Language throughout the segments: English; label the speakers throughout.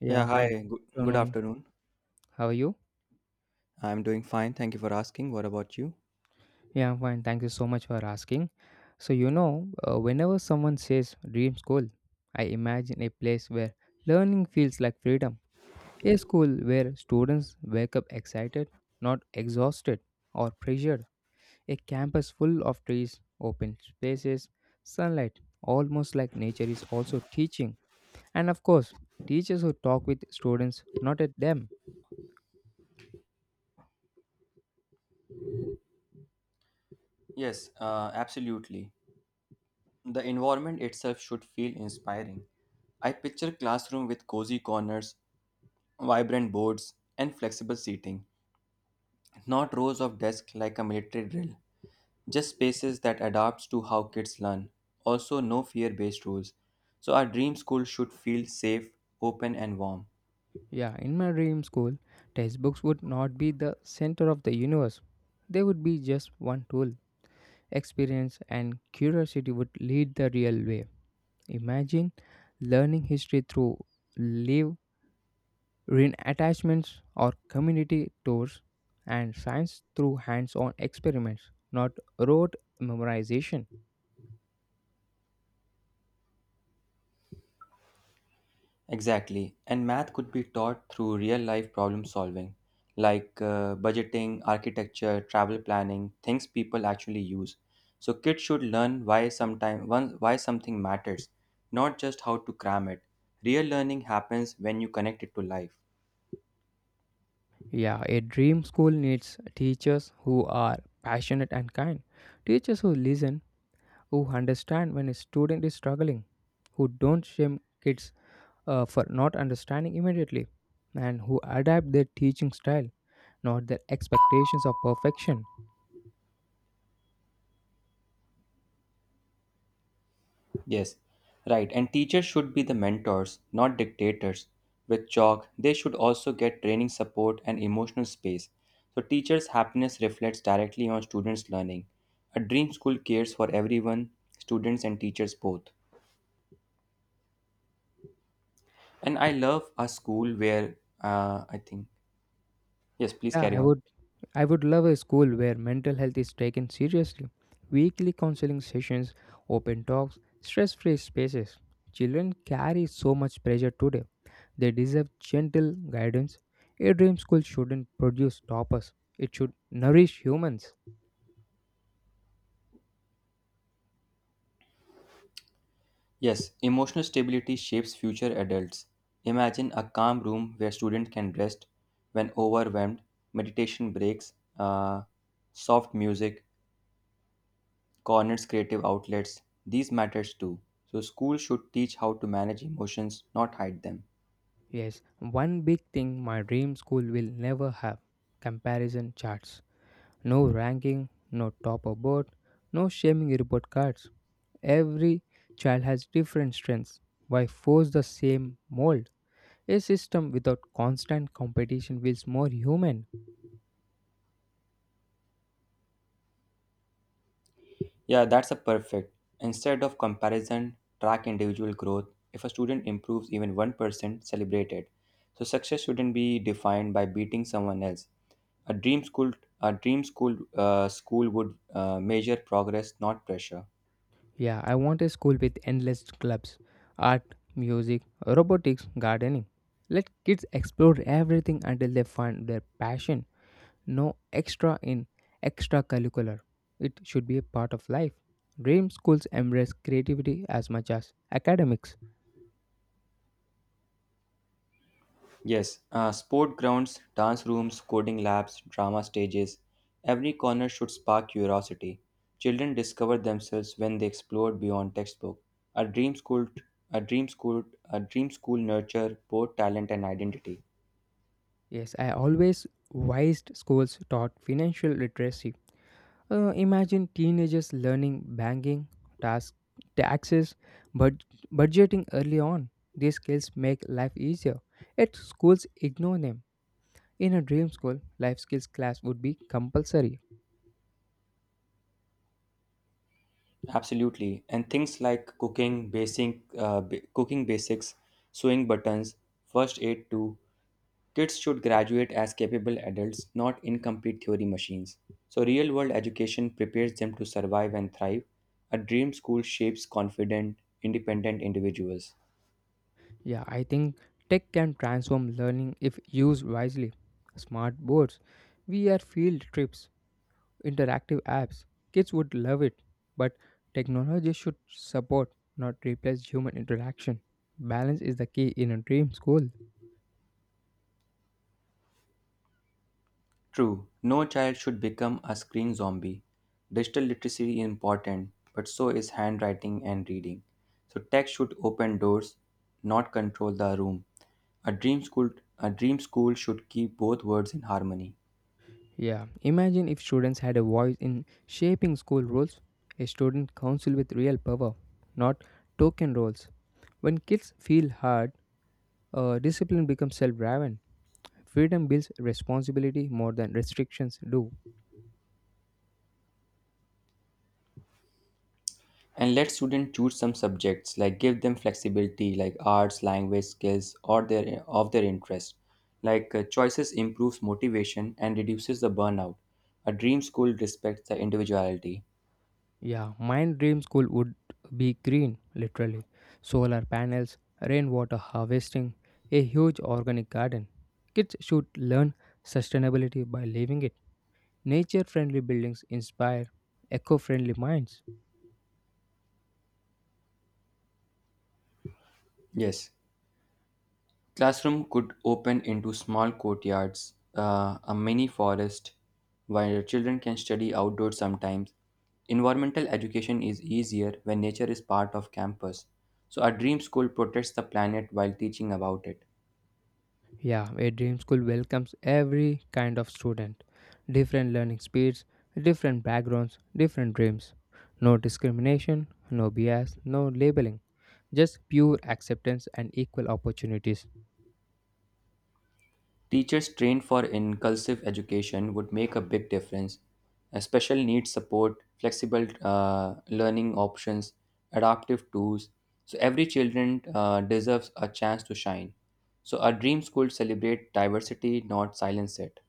Speaker 1: Yeah,
Speaker 2: Yeah,
Speaker 1: hi, good
Speaker 2: hi. Good
Speaker 1: afternoon.
Speaker 2: afternoon.
Speaker 1: How are you?
Speaker 2: I'm doing fine. Thank you for asking. What about you?
Speaker 1: Yeah, I'm fine. Thank you so much for asking. So, whenever someone says dream school, I imagine a place where learning feels like freedom. A school where students wake up excited, not exhausted or pressured. A campus full of trees, open spaces, sunlight, almost like nature is also teaching. And of course, teachers who talk with students, not at them.
Speaker 2: Yes, absolutely. The environment itself should feel inspiring. I picture classroom with cozy corners, vibrant boards, and flexible seating, not rows of desks like a military drill. Just spaces that adapts to how kids learn. Also no fear-based rules. So our dream school should feel safe, open and warm.
Speaker 1: Yeah, in my dream school, textbooks would not be the center of the universe. They would be just one tool. Experience and curiosity would lead the real way. Imagine learning history through live attachments or community tours and science through hands-on experiments, not rote memorization.
Speaker 2: Exactly. And math could be taught through real life problem solving, like budgeting, architecture, travel planning, things people actually use. So kids should learn why sometime one why something matters, not just how to cram it. Real learning happens when you connect it to life.
Speaker 1: Yeah, a dream school needs teachers who are passionate and kind. Teachers who listen, who understand when a student is struggling, who don't shame kids for not understanding immediately and who adapt their teaching style, not their expectations of perfection.
Speaker 2: Yes, right. And teachers should be the mentors, not dictators. With chalk, they should also get training support and emotional space. So, teachers' happiness reflects directly on students' learning. A dream school cares for everyone, students and teachers both. And I love a school where, I think, yes, please
Speaker 1: Yeah,
Speaker 2: carry
Speaker 1: I
Speaker 2: on.
Speaker 1: would I would love a school where mental health is taken seriously. Weekly counseling sessions, open talks, stress-free spaces. Children carry so much pressure today. They deserve gentle guidance. A dream school shouldn't produce toppers. It should nourish humans.
Speaker 2: Yes, emotional stability shapes future adults. Imagine a calm room where students can rest when overwhelmed, meditation breaks, uh, soft music, corners creative outlets, these matters too. So schools should teach how to manage emotions, not hide them.
Speaker 1: Yes, one big thing my dream school will never have comparison charts. No ranking, no top or board, no shaming report cards. Every child has different strengths. Why force the same mold? A system without constant competition feels more human.
Speaker 2: Yeah, that's a perfect. Instead of comparison, track individual growth. If a student improves even 1%, celebrate it. So success shouldn't be defined by beating someone else. A dream school, a dream school would measure progress, not pressure.
Speaker 1: Yeah, I want a school with endless clubs art, music, robotics, gardening. Let kids explore everything until they find their passion. No extracurricular. It should be a part of life. Dream schools embrace creativity as much as academics.
Speaker 2: Yes, sport grounds, dance rooms, coding labs, drama stages, every corner should spark curiosity. Children discover themselves when they explore beyond textbook. A dream school, a dream school, a dream school nurture both talent and identity.
Speaker 1: Yes, I always wised schools taught financial literacy. Imagine teenagers learning banking, task, taxes, bud- budgeting early on. These skills make life easier. Yet schools ignore them. In a dream school, life skills class would be compulsory.
Speaker 2: Absolutely, and things like cooking basics, sewing buttons, first aid too, kids should graduate as capable adults, not incomplete theory machines. So, real world education prepares them to survive and thrive. A dream school shapes confident, independent individuals.
Speaker 1: Yeah, I think tech can transform learning if used wisely. Smart boards, VR field trips, interactive apps. Kids would love it. But technology should support, not replace human interaction. Balance is the key in a dream school.
Speaker 2: True, no child should become a screen zombie. Digital literacy is important, but so is handwriting and reading. So, tech should open doors, not control the room. A dream school, a dream school should keep both worlds in harmony.
Speaker 1: Yeah, imagine if students had a voice in shaping school rules, a student council with real power, not token roles. When kids feel hard, discipline becomes self driven. Freedom builds responsibility more than restrictions do.
Speaker 2: And let students choose some subjects, like give them flexibility, like arts, language skills, or their interest. Like choices improves motivation and reduces the burnout. A dream school respects the individuality.
Speaker 1: Yeah, my dream school would be green, literally. Solar panels, rainwater harvesting, a huge organic garden. Kids should learn sustainability by living it. Nature friendly buildings inspire eco friendly minds.
Speaker 2: Yes, classroom could open into small courtyards, a mini forest, where children can study outdoors sometimes. Environmental education is easier when nature is part of campus. So, a dream school protects the planet while teaching about it.
Speaker 1: Yeah, a dream school welcomes every kind of student. Different learning speeds, different backgrounds, different dreams. No discrimination, no bias, no labeling. Just pure acceptance and equal opportunities.
Speaker 2: Teachers trained for inclusive education would make a big difference. A special needs support, flexible learning options, adaptive tools. So every children deserves a chance to shine. So our dream school celebrate diversity, not silence it.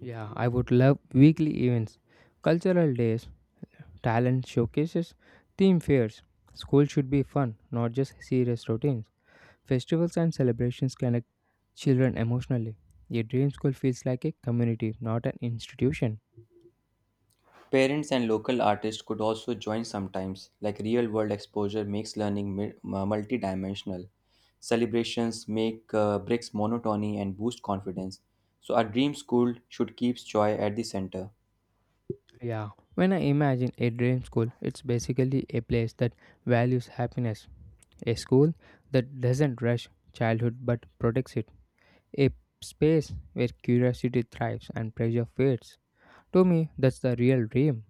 Speaker 1: Yeah, I would love weekly events, cultural days, talent showcases, theme fairs. School should be fun, not just serious routines. Festivals and celebrations connect children emotionally. A dream school feels like a community, not an institution.
Speaker 2: Parents and local artists could also join sometimes, like real world exposure makes learning multidimensional. Celebrations make breaks monotony and boost confidence. So, a dream school should keep joy at the center.
Speaker 1: Yeah, when I imagine a dream school, it's basically a place that values happiness, a school that doesn't rush childhood but protects it, a space where curiosity thrives and pressure fades. To me, that's the real dream.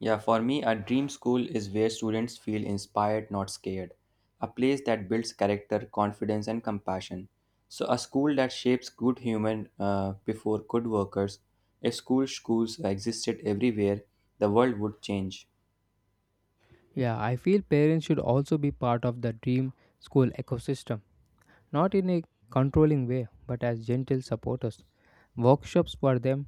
Speaker 2: Yeah, for me, a dream school is where students feel inspired, not scared. A place that builds character, confidence, and compassion. So, a school that shapes good human before good workers. If schools existed everywhere, the world would change.
Speaker 1: Yeah, I feel parents should also be part of the dream school ecosystem, not in a controlling way, but as gentle supporters. Workshops for them,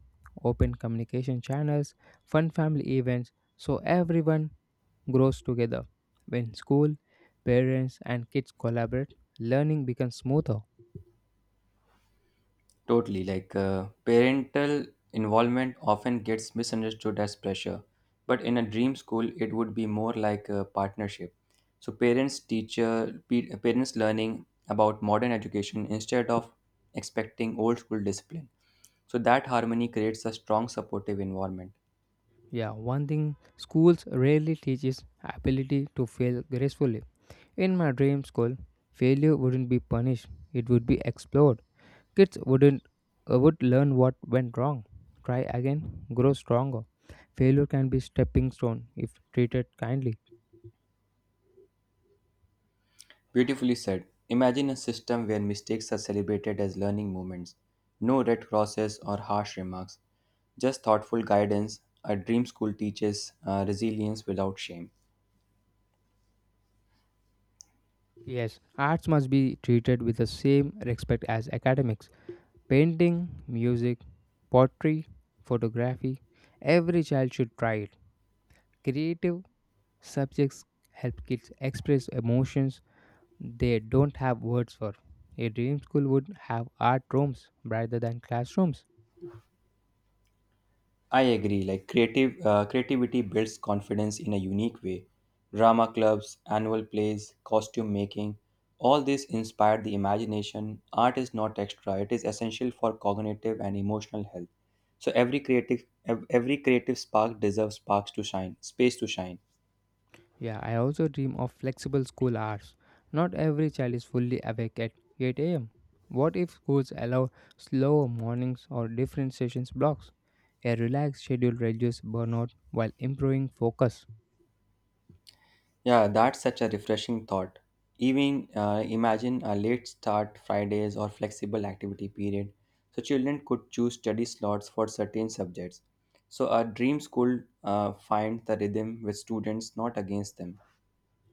Speaker 1: open communication channels, fun family events, so everyone grows together. When school, parents, and kids collaborate, learning becomes smoother.
Speaker 2: Totally. Like parental involvement often gets misunderstood as pressure, but in a dream school, it would be more like a partnership. So parents, parents learning about modern education instead of expecting old school discipline. So that harmony creates a strong supportive environment.
Speaker 1: Yeah, one thing schools rarely teach is ability to fail gracefully. In my dream school, failure wouldn't be punished, it would be explored. Kids wouldn't would learn what went wrong, try again, grow stronger. Failure can be stepping stone if treated kindly.
Speaker 2: Beautifully said. Imagine a system where mistakes are celebrated as learning moments. No red crosses or harsh remarks, just thoughtful guidance. A dream school teaches resilience without shame.
Speaker 1: Yes, arts must be treated with the same respect as academics. Painting, music, pottery, photography, every child should try it. Creative subjects help kids express emotions they don't have words for. A dream school would have art rooms rather than classrooms.
Speaker 2: I agree. Like creative creativity builds confidence in a unique way. Drama clubs, annual plays, costume making, all this inspired the imagination. Art is not extra; it is essential for cognitive and emotional health. So every creative spark deserves sparks to shine, space to shine.
Speaker 1: Yeah, I also dream of flexible school hours. Not every child is fully awake at 8 am. What if schools allow slower mornings or different sessions blocks? A relaxed schedule reduces burnout while improving focus.
Speaker 2: Yeah, that's such a refreshing thought. Even imagine a late start Fridays or flexible activity period, so children could choose study slots for certain subjects. So a dream school finds the rhythm with students, not against them.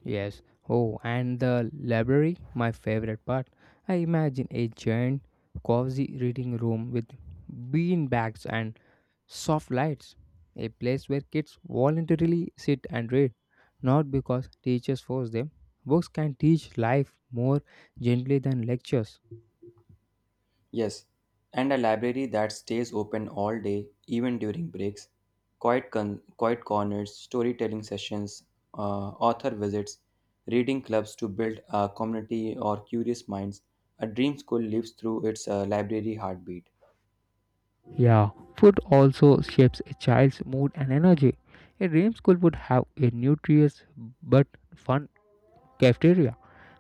Speaker 1: Yes. Oh, and the library, my favorite part. I imagine a giant, cozy reading room with bean bags and soft lights, a place where kids voluntarily sit and read, not because teachers force them. Books can teach life more gently than lectures.
Speaker 2: Yes, and a library that stays open all day, even during breaks, quiet corners, storytelling sessions, author visits, reading clubs to build a community or curious minds. A dream school lives through its library heartbeat.
Speaker 1: Yeah, food also shapes a child's mood and energy. A dream school would have a nutritious but fun cafeteria,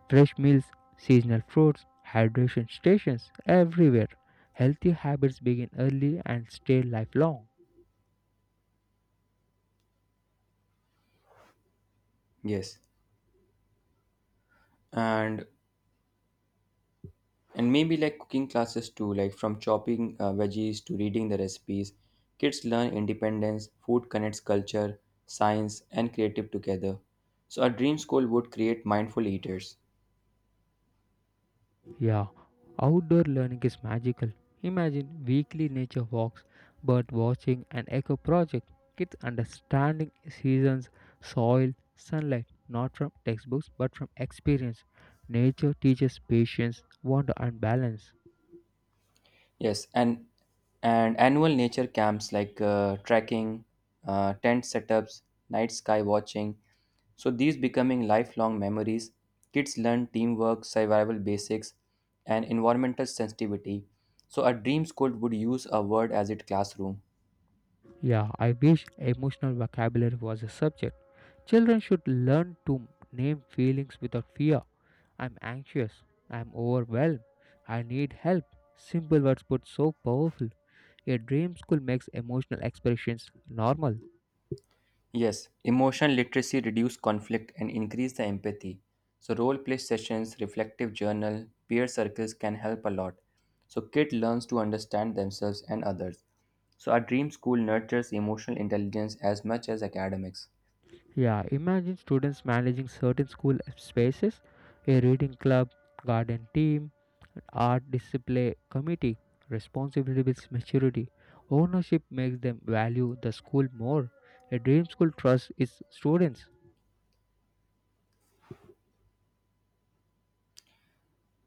Speaker 1: fresh meals, seasonal fruits, hydration stations everywhere. Healthy habits begin early and stay lifelong.
Speaker 2: Yes, and maybe like cooking classes too, like from chopping veggies to reading the recipes, kids learn independence, food connects culture, science, and creative together. So, a dream school would create mindful eaters.
Speaker 1: Yeah, outdoor learning is magical. Imagine weekly nature walks, bird watching, and eco project. Kids understanding seasons, soil, sunlight, not from textbooks but from experience. Nature teaches patience, wonder, and balance.
Speaker 2: Yes, and annual nature camps like trekking, tent setups, night sky watching. So these becoming lifelong memories. Kids learn teamwork, survival basics, and environmental sensitivity. So a dream school would use a word as its classroom.
Speaker 1: Yeah, I wish emotional vocabulary was a subject. Children should learn to name feelings without fear. I'm anxious. I'm overwhelmed. I need help. Simple words but so powerful. A dream school makes emotional expressions normal.
Speaker 2: Yes, emotional literacy reduce conflict and increase the empathy. So role play sessions, reflective journal, peer circles can help a lot. So kid learns to understand themselves and others. So our dream school nurtures emotional intelligence as much as academics.
Speaker 1: Yeah, imagine students managing certain school spaces, a reading club, garden team, art display committee, responsibility builds maturity. Ownership makes them value the school more. A dream school trusts its students.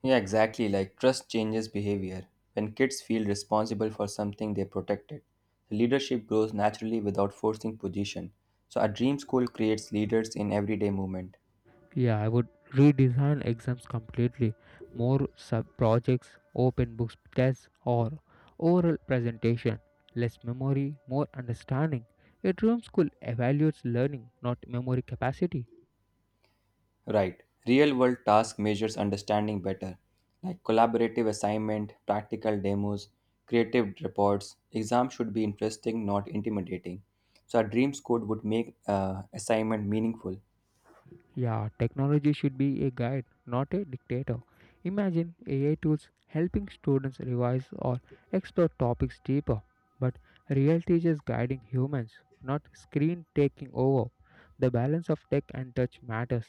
Speaker 2: Yeah, exactly. Like trust changes behavior. When kids feel responsible for something, they protect it. Leadership grows naturally without forcing position. So a dream school creates leaders in everyday movement.
Speaker 1: Yeah, I would redesign exams completely. More sub projects, open books tests, or oral presentation. Less memory, more understanding. A dream school evaluates learning, not memory capacity.
Speaker 2: Right. Real world task measures understanding better, like collaborative assignment, practical demos, creative reports. Exam should be interesting, not intimidating. So a dream code would make assignment meaningful.
Speaker 1: Yeah, technology should be a guide, not a dictator. Imagine AI tools helping students revise or explore topics deeper, but real teachers guiding humans, not screen taking over. The balance of tech and touch matters.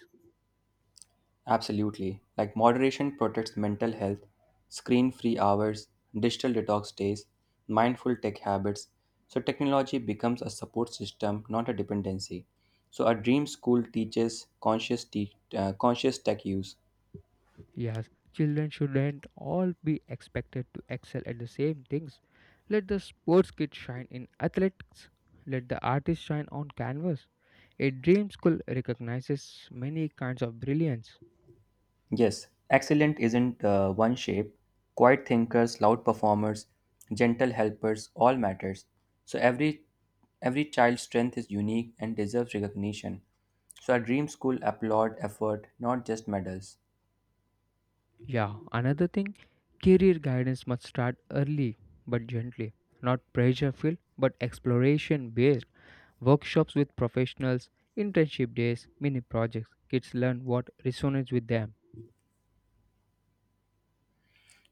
Speaker 2: Absolutely. Like moderation protects mental health, screen-free hours, digital detox days, mindful tech habits. So technology becomes a support system, not a dependency. So a dream school teaches conscious tech use.
Speaker 1: Yes, children shouldn't all be expected to excel at the same things. Let the sports kid shine in athletics, let the artist shine on canvas. A dream school recognizes many kinds of brilliance.
Speaker 2: Yes, excellent isn't one shape. Quiet thinkers, loud performers, gentle helpers, all matters. So every child's strength is unique and deserves recognition. So our dream school applaud effort, not just medals.
Speaker 1: Yeah, another thing, career guidance must start early but gently, not pressure filled but exploration based. Workshops with professionals, internship days, mini projects. Kids learn what resonates with them.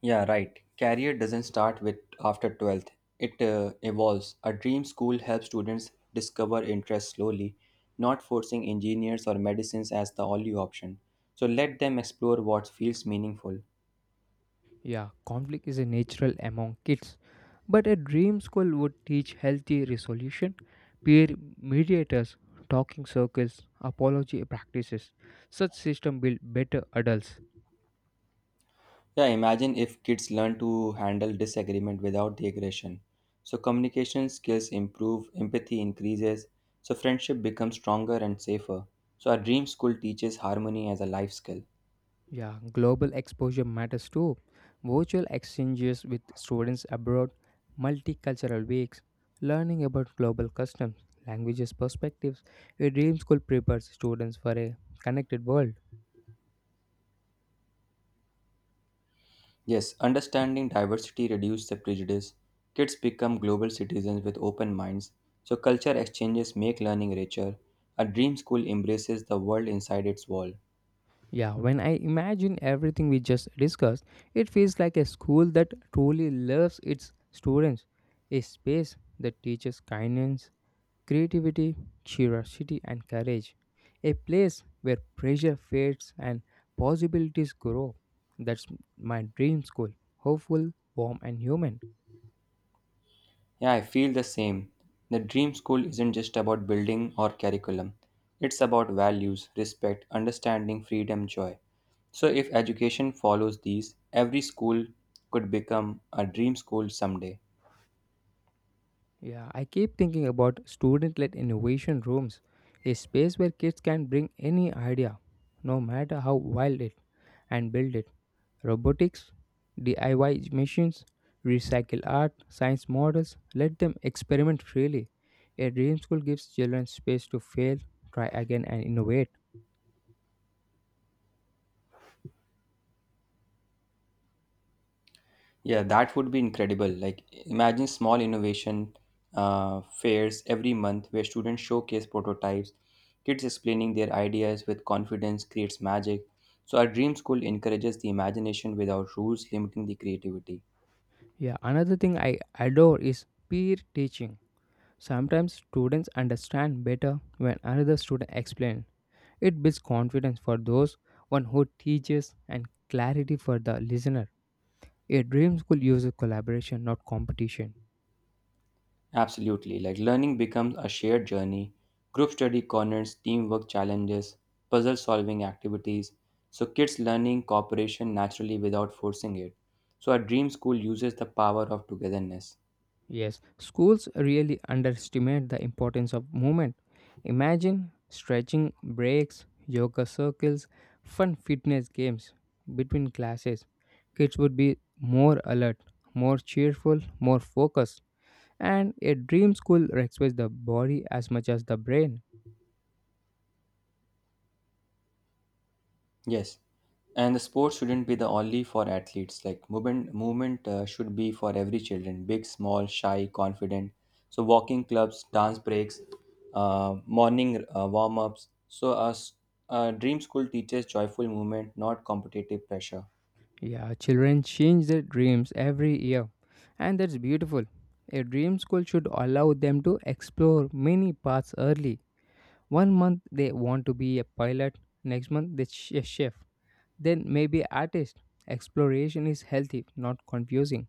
Speaker 2: Yeah, right. Career doesn't start with after 12th. It evolves. A dream school helps students discover interests slowly, not forcing engineers or medicines as the only option. So let them explore what feels meaningful.
Speaker 1: Yeah, conflict is a natural among kids, but a dream school would teach healthy resolution, peer mediators, talking circles, apology practices. Such system build better adults.
Speaker 2: Yeah, imagine if kids learn to handle disagreement without the aggression. So communication skills improve, empathy increases, so friendship becomes stronger and safer. So our dream school teaches harmony as a life skill.
Speaker 1: Yeah, global exposure matters too. Virtual exchanges with students abroad, multicultural weeks, learning about global customs, languages, perspectives. A dream school prepares students for a connected world.
Speaker 2: Yes, understanding diversity reduces the prejudice. Kids become global citizens with open minds. So culture exchanges make learning richer. A dream school embraces the world inside its wall.
Speaker 1: Yeah, when I imagine everything we just discussed, it feels like a school that truly loves its students, a space that teaches kindness, creativity, curiosity, and courage. A place where pressure fades and possibilities grow. That's my dream school. Hopeful, warm, and human.
Speaker 2: Yeah, I feel the same. The dream school isn't just about building or curriculum, it's about values, respect, understanding, freedom, joy. So, if education follows these, every school could become a dream school someday.
Speaker 1: Yeah, I keep thinking about student led innovation rooms, a space where kids can bring any idea, no matter how wild it, and build it. Robotics, DIY machines, recycle art, science models. Let them experiment freely. A dream school gives children space to fail, try again, and innovate.
Speaker 2: Yeah, that would be incredible. Like, imagine small innovation fairs every month where students showcase prototypes, kids explaining their ideas with confidence creates magic. So, our dream school encourages the imagination without rules limiting the creativity.
Speaker 1: Yeah, another thing I adore is peer teaching. Sometimes students understand better when another student explains. It builds confidence for those one who teaches and clarity for the listener. A dream school uses collaboration, not competition.
Speaker 2: Absolutely. Like learning becomes a shared journey. Group study corners, teamwork challenges, puzzle solving activities. So kids learning cooperation naturally without forcing it. So a dream school uses the power of togetherness.
Speaker 1: Yes, schools really underestimate the importance of movement. Imagine stretching breaks, yoga circles, fun fitness games between classes. Kids would be more alert, more cheerful, more focused. And a dream school respects the body as much as the brain.
Speaker 2: Yes, and the sport shouldn't be the only for athletes. Like movement should be for every children, big, small, shy, confident. So walking clubs, dance breaks, morning warm ups. So a dream school teaches joyful movement, not competitive pressure.
Speaker 1: Yeah, children change their dreams every year, and that's beautiful. A dream school should allow them to explore many paths early. One month they want to be a pilot, next month they a chef, then maybe artist. Exploration is healthy, not confusing.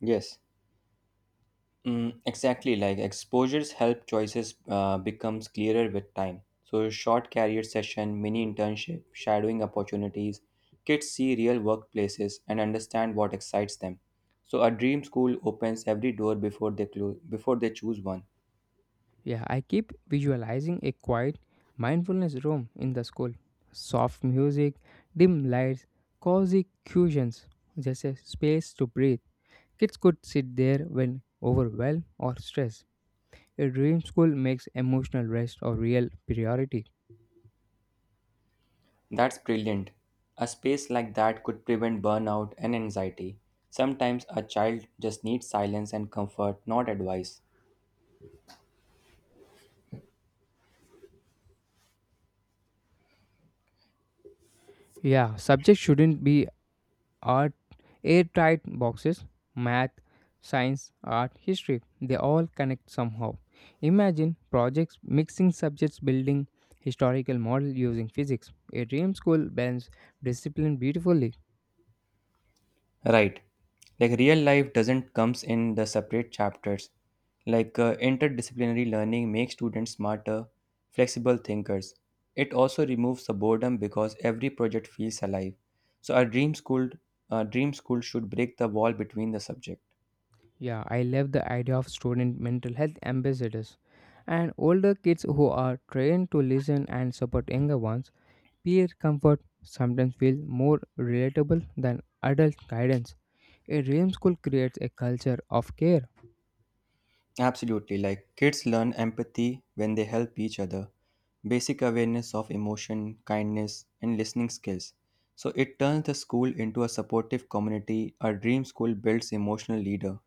Speaker 2: Yes. Mm, exactly, like exposures help choices becomes clearer with time. So short career session, mini internship, shadowing opportunities, kids see real workplaces and understand what excites them. So a dream school opens every door before they close before they choose one.
Speaker 1: Yeah, I keep visualizing a quiet mindfulness room in the school. Soft music, dim lights, cozy cushions, just a space to breathe. Kids could sit there when overwhelmed or stressed. A dream school makes emotional rest a real priority.
Speaker 2: That's brilliant. A space like that could prevent burnout and anxiety. Sometimes a child just needs silence and comfort, not advice.
Speaker 1: Yeah, subjects shouldn't be art airtight boxes, math, science, art, history, they all connect somehow. Imagine projects mixing subjects, building historical model using physics. A dream school blends discipline beautifully.
Speaker 2: Right. Like real life doesn't comes in the separate chapters. Like interdisciplinary learning makes students smarter, flexible thinkers. It also removes the boredom because every project feels alive. So a dream school should break the wall between the subject.
Speaker 1: Yeah, I love the idea of student mental health ambassadors and older kids who are trained to listen and support younger ones. Peer comfort sometimes feels more relatable than adult guidance. A dream school creates a culture of care.
Speaker 2: Absolutely. Like kids learn empathy when they help each other, basic awareness of emotion, kindness, and listening skills. So it turns the school into a supportive community. A dream school builds emotional leader.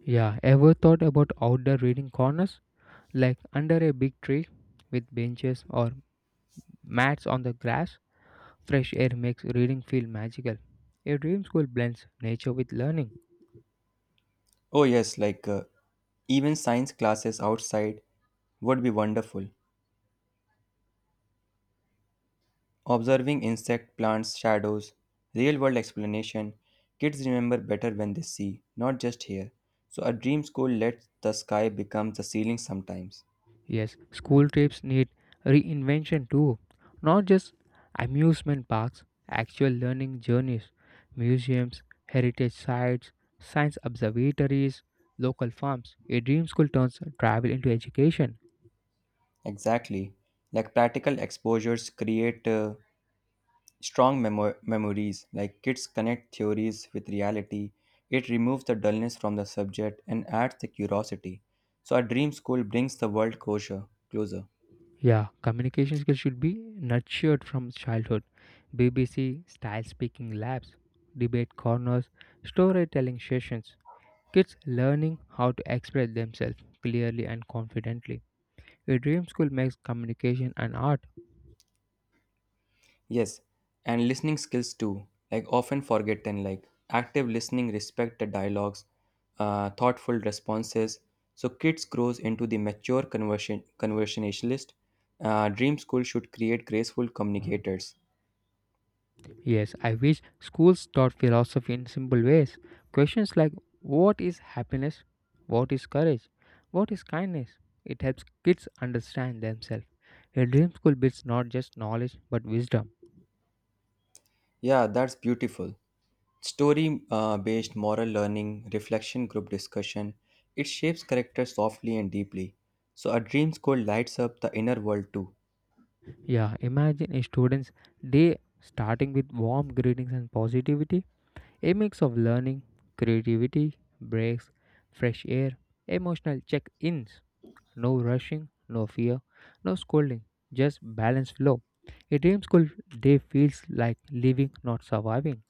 Speaker 1: Yeah, ever thought about outdoor reading corners? Like under a big tree with benches or mats on the grass, fresh air makes reading feel magical. A dream school blends nature with learning.
Speaker 2: Oh yes, like even science classes outside would be wonderful. Observing insect, plants, shadows, real world explanation, kids remember better when they see, not just hear. So a dream school lets the sky become the ceiling sometimes.
Speaker 1: Yes, school trips need reinvention too. Not just amusement parks, actual learning journeys, museums, heritage sites, science observatories, local farms. A dream school turns travel into education.
Speaker 2: Exactly. Like practical exposures create strong memories. Like kids connect theories with reality. It removes the dullness from the subject and adds the curiosity. So a dream school brings the world closer, closer.
Speaker 1: Yeah, communication skills should be nurtured from childhood. BBC style speaking labs, debate corners, storytelling sessions. Kids learning how to express themselves clearly and confidently. A dream school makes communication an art.
Speaker 2: Yes, and listening skills too. Like often forgotten. Like active listening, respect the dialogues, thoughtful responses. So kids grows into the mature conversion conversationalist. Dream school should create graceful communicators.
Speaker 1: Yes, I wish schools taught philosophy in simple ways. Questions like what is happiness? What is courage? What is kindness? It helps kids understand themselves. A dream school builds not just knowledge but wisdom.
Speaker 2: Yeah, that's beautiful. Story based moral learning, reflection group discussion, it shapes character softly and deeply. So, a dream school lights up the inner world too.
Speaker 1: Yeah, imagine a student's day starting with warm greetings and positivity, a mix of learning, creativity, breaks, fresh air, emotional check ins, no rushing, no fear, no scolding, just balanced flow. A dream school day feels like living, not surviving.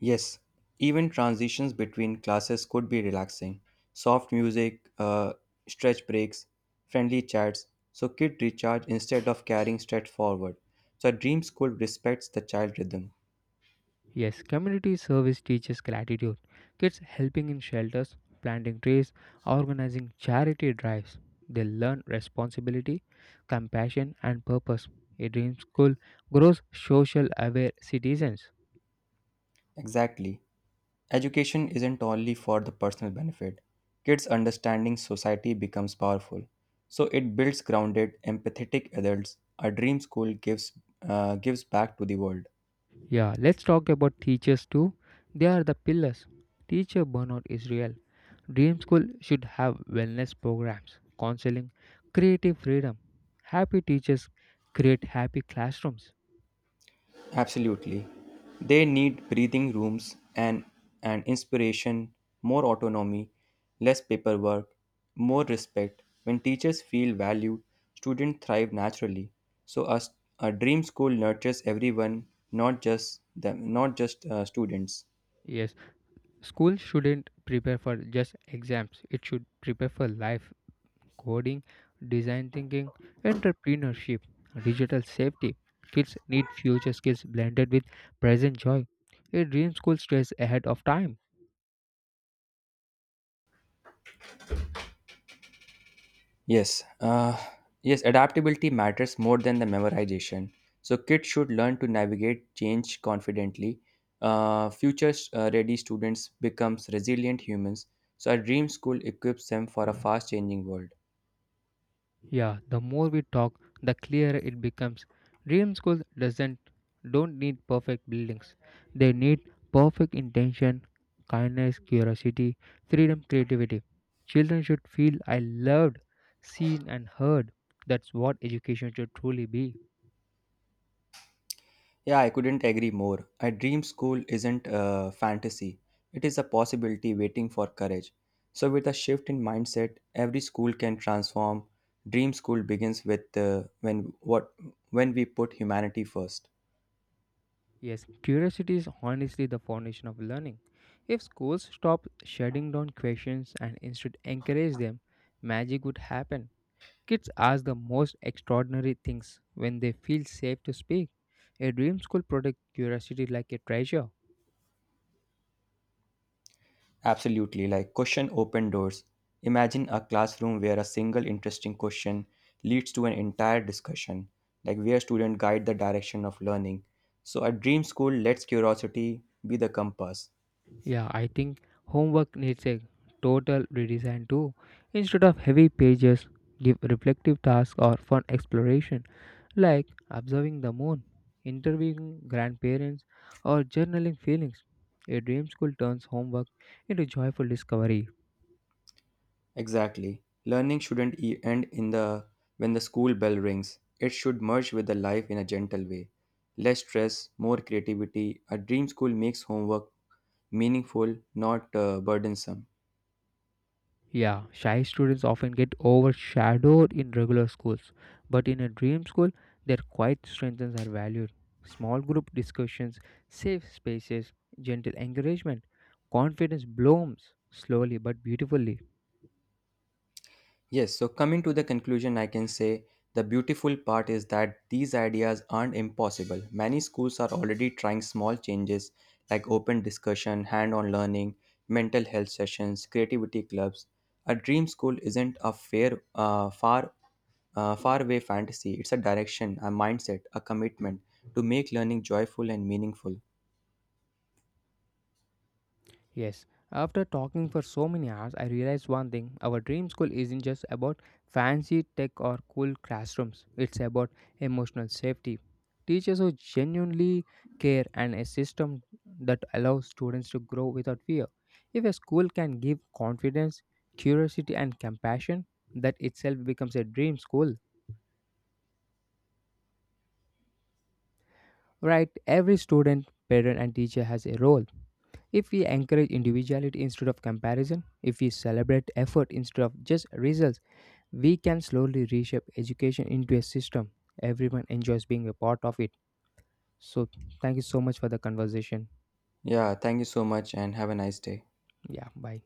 Speaker 2: Yes, even transitions between classes could be relaxing. Soft music, stretch breaks, friendly chats, so kids recharge instead of carrying straight forward. So, a dream school respects the child rhythm.
Speaker 1: Yes, community service teaches gratitude. Kids helping in shelters, planting trees, organizing charity drives. They learn responsibility, compassion, and purpose. A dream school grows social aware citizens.
Speaker 2: Exactly. Education isn't only for the personal benefit. Kids' understanding society becomes powerful. So it builds grounded, empathetic adults. A dream school gives back to the world.
Speaker 1: Yeah, let's talk about teachers too. They are the pillars. Teacher burnout is real. Dream school should have wellness programs, counseling, creative freedom. Happy teachers create happy classrooms.
Speaker 2: Absolutely. They need breathing rooms and inspiration, more autonomy, less paperwork, more respect. When teachers feel valued, students thrive naturally. So a dream school nurtures everyone, not just them, not just students.
Speaker 1: Yes, school shouldn't prepare for just exams, it should prepare for life, coding, design thinking, entrepreneurship, digital safety. Kids need future skills blended with present joy. A dream school stays ahead of time.
Speaker 2: Yes, uh, yes, adaptability matters more than the memorization. So kids should learn to navigate change confidently. Future ready students becomes resilient humans. So a dream school equips them for a fast changing world.
Speaker 1: Yeah, the more we talk, the clearer it becomes. Dream schools doesn't don't need perfect buildings. They need perfect intention, kindness, curiosity, freedom, creativity. Children should feel I loved, seen and heard. That's what education should truly be.
Speaker 2: Yeah, I couldn't agree more. A dream school isn't a fantasy. It is a possibility waiting for courage. So with a shift in mindset, every school can transform. Dream school begins with when we put humanity first.
Speaker 1: Yes, curiosity is honestly the foundation of learning. If schools stop shutting down questions and instead encourage them, magic would happen. Kids ask the most extraordinary things when they feel safe to speak. A dream school protects curiosity like a treasure.
Speaker 2: Absolutely, like question open doors. Imagine a classroom where a single interesting question leads to an entire discussion, like where students guide the direction of learning. So, a dream school lets curiosity be the compass.
Speaker 1: Yeah, I think homework needs a total redesign too. Instead of heavy pages, give reflective tasks or fun exploration like observing the moon, interviewing grandparents, or journaling feelings. A dream school turns homework into joyful discovery.
Speaker 2: Exactly. Learning shouldn't end in the when the school bell rings. It should merge with the life in a gentle way. Less stress, more creativity. A dream school makes homework meaningful, not burdensome.
Speaker 1: Yeah, shy students often get overshadowed in regular schools, but in a dream school, their quiet strengths are valued. Small group discussions, safe spaces, gentle encouragement, confidence blooms slowly but beautifully.
Speaker 2: Yes, so coming to the conclusion, I can say the beautiful part is that these ideas aren't impossible. Many schools are already trying small changes like open discussion, hand on learning, mental health sessions, creativity clubs. A dream school isn't a faraway fantasy, it's a direction, a mindset, a commitment to make learning joyful and meaningful.
Speaker 1: Yes, after talking for so many hours, I realized one thing. Our dream school isn't just about fancy tech or cool classrooms, it's about emotional safety. Teachers who genuinely care and a system that allows students to grow without fear. If a school can give confidence, curiosity, and compassion, that itself becomes a dream school, right? Every student, parent, and teacher has a role. If we encourage individuality instead of comparison, if we celebrate effort instead of just results, we can slowly reshape education into a system everyone enjoys being a part of it. So, thank you so much for the conversation.
Speaker 2: Yeah, thank you so much and have a nice day.
Speaker 1: Yeah, bye.